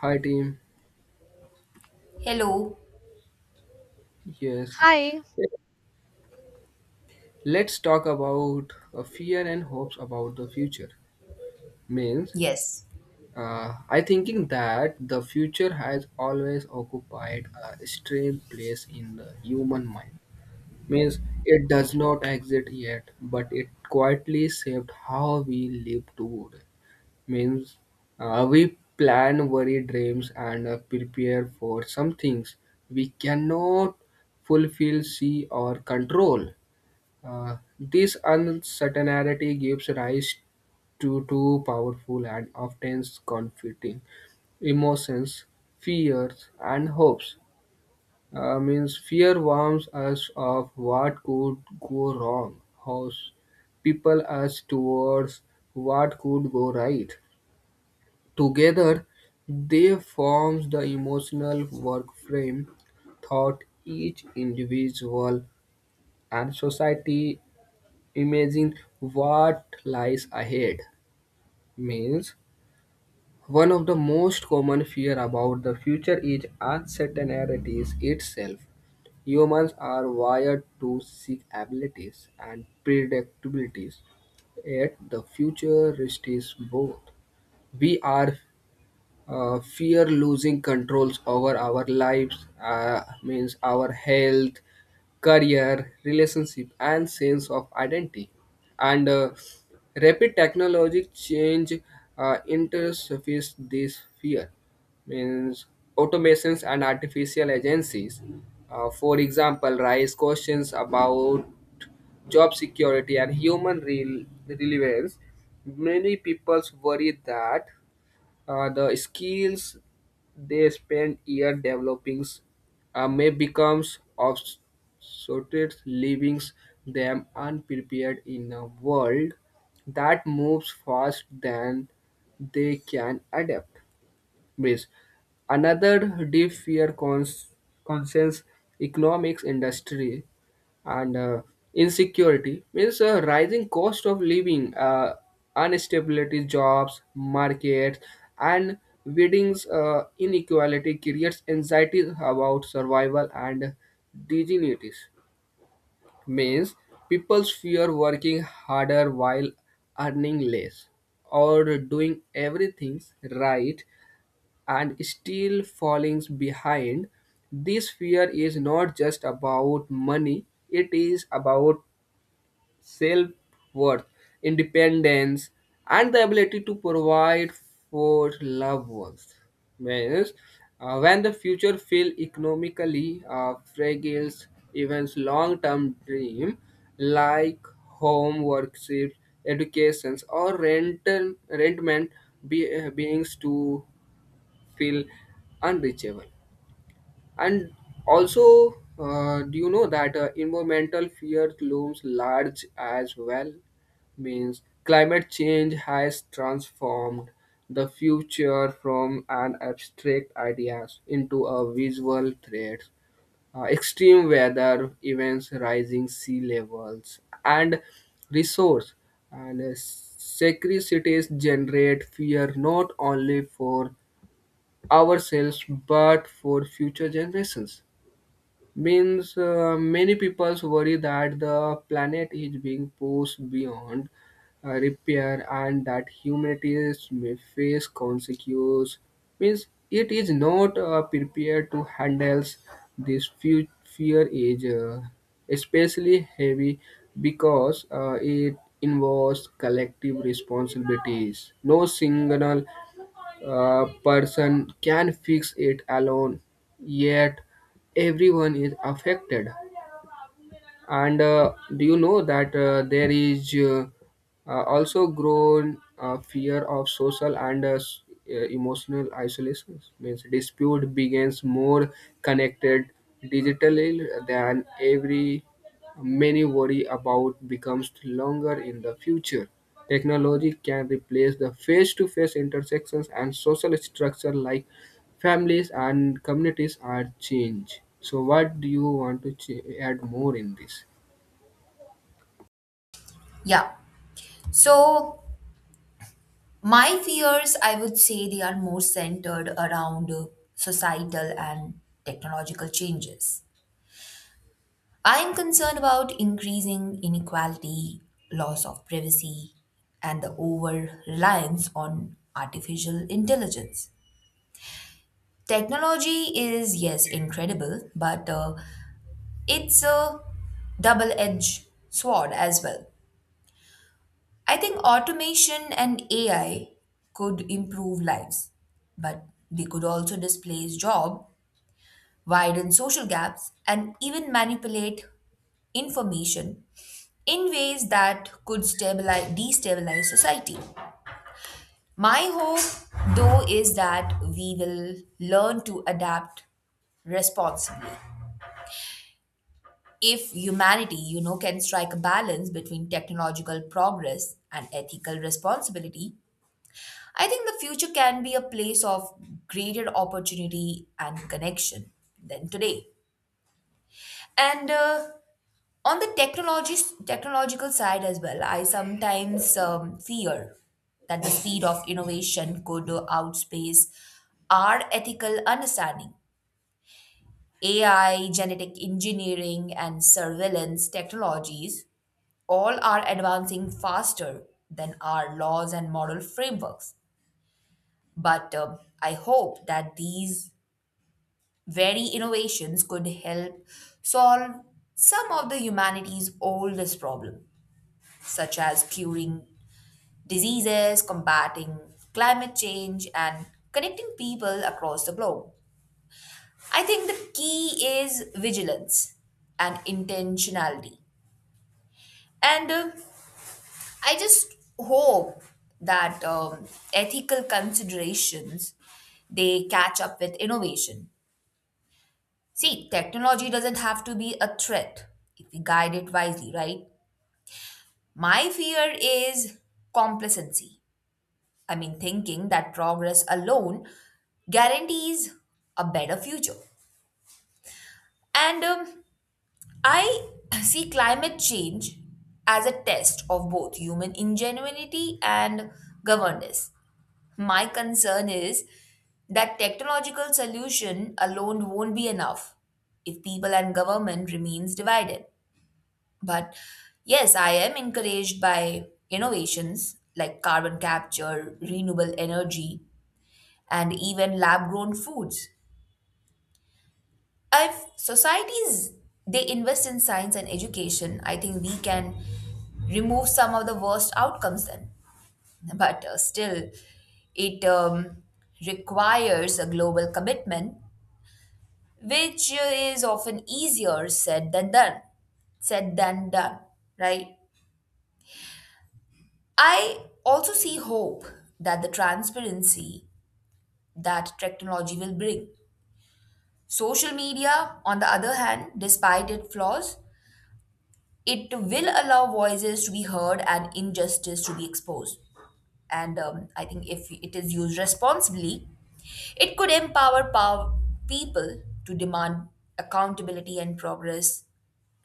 Hi team. Hello. Yes. Hi. Let's talk about fear and hopes about the future. Means, Yes. I thinking that the future has always occupied a strange place in the human mind. Means it does not exist yet, but it quietly shaped how we live today. Means we plan, worry, dreams, and prepare for some things we cannot fulfill, see, or control. This uncertainty gives rise to two powerful and often conflicting emotions, fears, and hopes. Means fear warns us of what could go wrong, hopes people us towards what could go right. Together, they form the emotional work frame thought each individual and society. Imagine what lies ahead. Means one of the most common fear about the future is uncertainty itself. Humans are wired to seek abilities and predictabilities, yet the future risks both. We are fear losing controls over our lives, means our health, career, relationship, and sense of identity, and rapid technologic change interface this fear. Means automations and artificial agencies, for example, raise questions about job security and human relevance. Many people worry that the skills they spend year developing may become obsolete, leaving them unprepared in a world that moves fast than they can adapt base. Another deep fear concerns economics industry and insecurity. Means a rising cost of living, instability jobs, markets, and weddings, inequality creates anxiety about survival and dignities. Means people fear working harder while earning less, or doing everything right and still falling behind. This fear is not just about money, it is about self worth, independence, and the ability to provide for loved ones. Means, when the future feels economically fragile, even long term dream like home, workships, educations, or rental, rentment beings to feel unreachable. And also, do you know that environmental fear looms large as well? Means climate change has transformed the future from an abstract ideas into a visual threat. Extreme weather events, rising sea levels, and resource and scarcities generate fear not only for ourselves but for future generations. Means many peoples worry that the planet is being pushed beyond repair, and that humanity may face consequences. Means it is not prepared to handle this fear is especially heavy because it involves collective responsibilities. No single person can fix it alone, yet everyone is affected. And do you know that there is also grown fear of social and emotional isolation? Means dispute begins more connected digitally than every. Many worry about becomes longer in the future. Technology can replace the face-to-face intersections, and social structure like families and communities are changed. So what do you want to add more in this? Yeah. So my fears, I would say they are more centered around societal and technological changes. I am concerned about increasing inequality, loss of privacy, and the over reliance on artificial intelligence. Technology is, yes, incredible, but it's a double edged sword as well. I think automation and AI could improve lives, but they could also displace jobs, widen social gaps, and even manipulate information in ways that could destabilize society. My hope, though, is that we will learn to adapt responsibly. If humanity, you know, can strike a balance between technological progress and ethical responsibility, I think the future can be a place of greater opportunity and connection than today. And on the technology technological side as well, I sometimes fear that the speed of innovation could outpace our ethical understanding. AI, genetic engineering, and surveillance technologies all are advancing faster than our laws and moral frameworks. But I hope that these very innovations could help solve some of the humanity's oldest problems, such as curing diseases, combating climate change, and connecting people across the globe. I think the key is vigilance and intentionality. And I just hope that ethical considerations they catch up with innovation. See, technology doesn't have to be a threat if we guide it wisely, right? My fear is complacency. I mean, thinking that progress alone guarantees a better future. And I see climate change as a test of both human ingenuity and governance. My concern is that technological solution alone won't be enough if people and government remains divided. But yes, I am encouraged by innovations like carbon capture, renewable energy, and even lab grown foods. If societies they invest in science and education, I think we can remove some of the worst outcomes then. But still, it requires a global commitment, which is often easier Said than done, right? I also see hope that the transparency that technology will bring. Social media, on the other hand, despite its flaws, it will allow voices to be heard and injustice to be exposed. And I think if it is used responsibly, it could empower power people to demand accountability and progress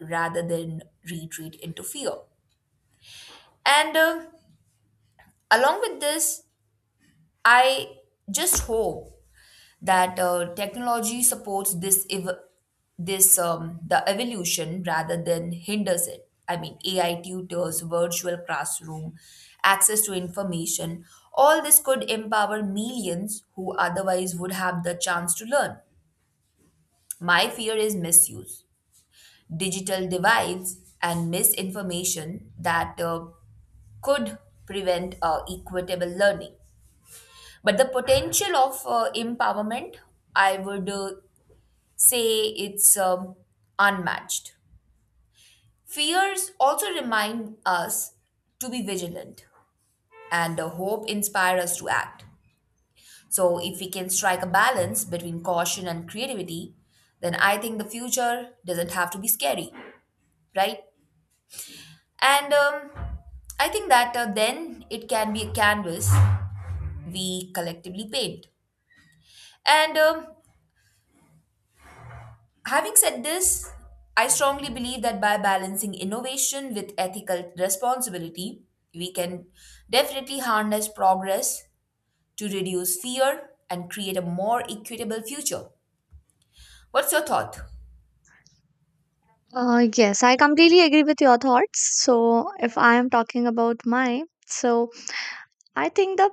rather than retreat into fear. And along with this, I just hope that technology supports this the evolution rather than hinders it. I mean, AI tutors, virtual classroom, access to information, all this could empower millions who otherwise would have the chance to learn. My fear is misuse, digital divides, and misinformation that could prevent equitable learning. But the potential of empowerment I would say it's unmatched. Fears also remind us to be vigilant, and the hope inspires us to act. So, if we can strike a balance between caution and creativity, then I think the future doesn't have to be scary, right? And I think that then it can be a canvas we collectively paint. And having said this, I strongly believe that by balancing innovation with ethical responsibility, we can definitely harness progress to reduce fear and create a more equitable future. What's your thought? Yes, I completely agree with your thoughts. So, if I am talking about mine, so I think the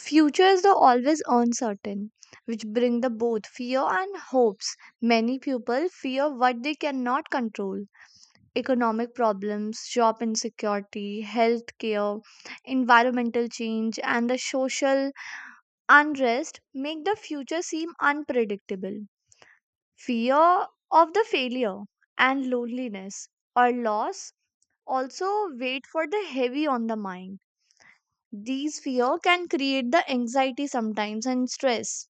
future is the always uncertain, which bring the both fear and hopes. Many people fear what they cannot control: economic problems, job insecurity, health care, environmental change, and the social unrest make the future seem unpredictable. Fear of the failure and loneliness or loss also wait for the heavy on the mind. These fear can create the anxiety sometimes and stress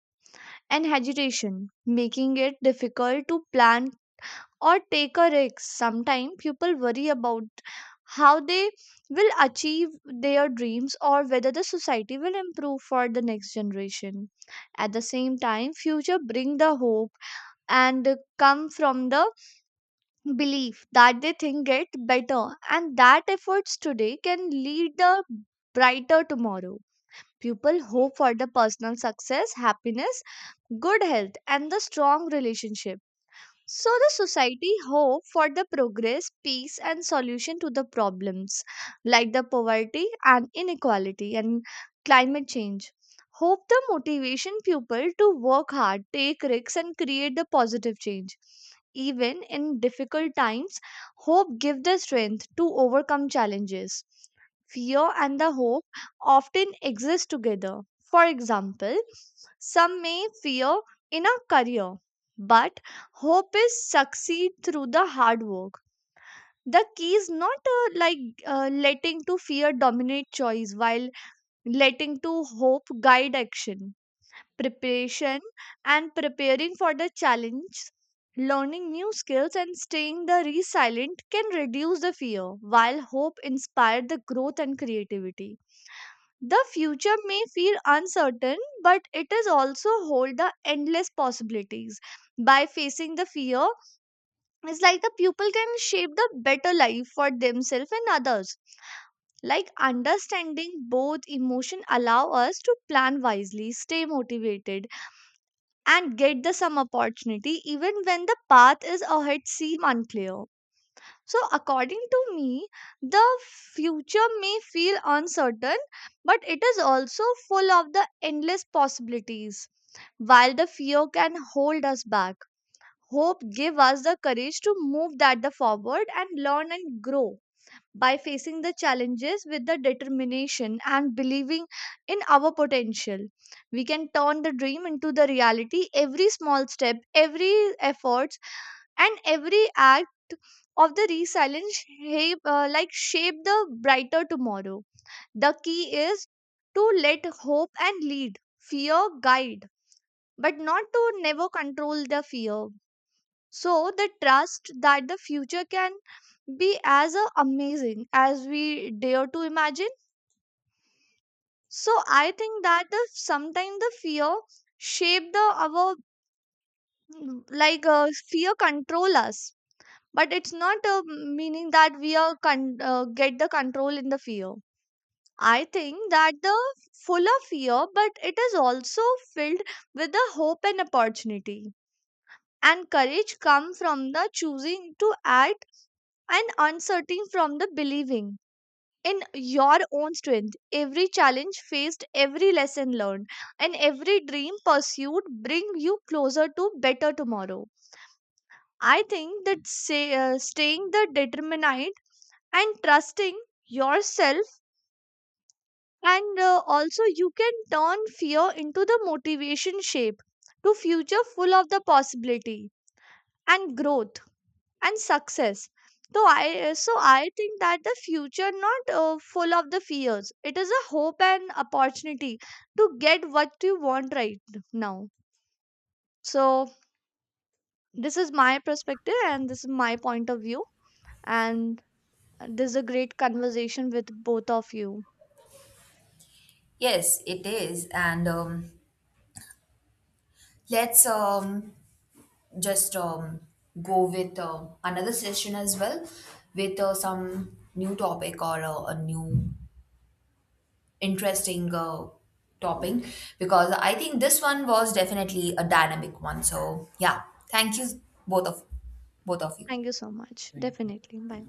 and agitation, making it difficult to plan or take a risk. Sometimes people worry about how they will achieve their dreams or whether the society will improve for the next generation at the same time future bring the hope and come from the belief that they think it better and that efforts today can lead a brighter tomorrow. People hope for the personal success, happiness, good health, and the strong relationship. So the society hope for the progress, peace, and solution to the problems like the poverty and inequality and climate change. Hope the motivation people to work hard, take risks, and create the positive change. Even in difficult times, hope give the strength to overcome challenges. Fear and the hope often exist together. For example, some may fear in a career, but hope is succeed through the hard work. The key is not like letting to fear dominate choice while letting to hope guide action, preparation, and preparing for the challenge, learning new skills and staying the resilient can reduce the fear while hope inspire the growth and creativity. The future may feel uncertain, but it is also hold the endless possibilities by facing the fear. It's like the pupil can shape the better life for themselves and others. Like understanding both emotion allow us to plan wisely, stay motivated, and get the some opportunity even when the path is ahead seem unclear. So according to me, the future may feel uncertain, but it is also full of the endless possibilities. While the fear can hold us back, hope give us the courage to move that the forward and learn and grow by facing the challenges with the determination and believing in our potential. We can turn the dream into the reality. Every small step, every efforts, and every act of the resilience shape, like shape the brighter tomorrow. The key is to let hope and lead, fear guide, but not to never control the fear, so they trust that the future can be as amazing as we dare to imagine. So I think that the sometimes the fear shape the our, like fear control us, but it's not meaning that we are get the control in the fear. I think that the full of fear, but it is also filled with the hope and opportunity, and courage come from the choosing to act, and uncertain from the believing in your own strength. Every challenge faced, every lesson learned, and every dream pursued bring you closer to better tomorrow. I think that say, staying the determined and trusting yourself, and also you can turn fear into the motivation shape to future full of the possibility and growth. And success. So I think that the future not full of the fears, it is a hope and opportunity to get what you want right now. So this is my perspective and this is my point of view, and this is a great conversation with both of you. Yes, it is. And let's just go with another session as well with some new topic or a new interesting topping, because I think this one was definitely a dynamic one. So yeah, thank you both of both of you. Thank you so much. Thank you. Definitely. Bye.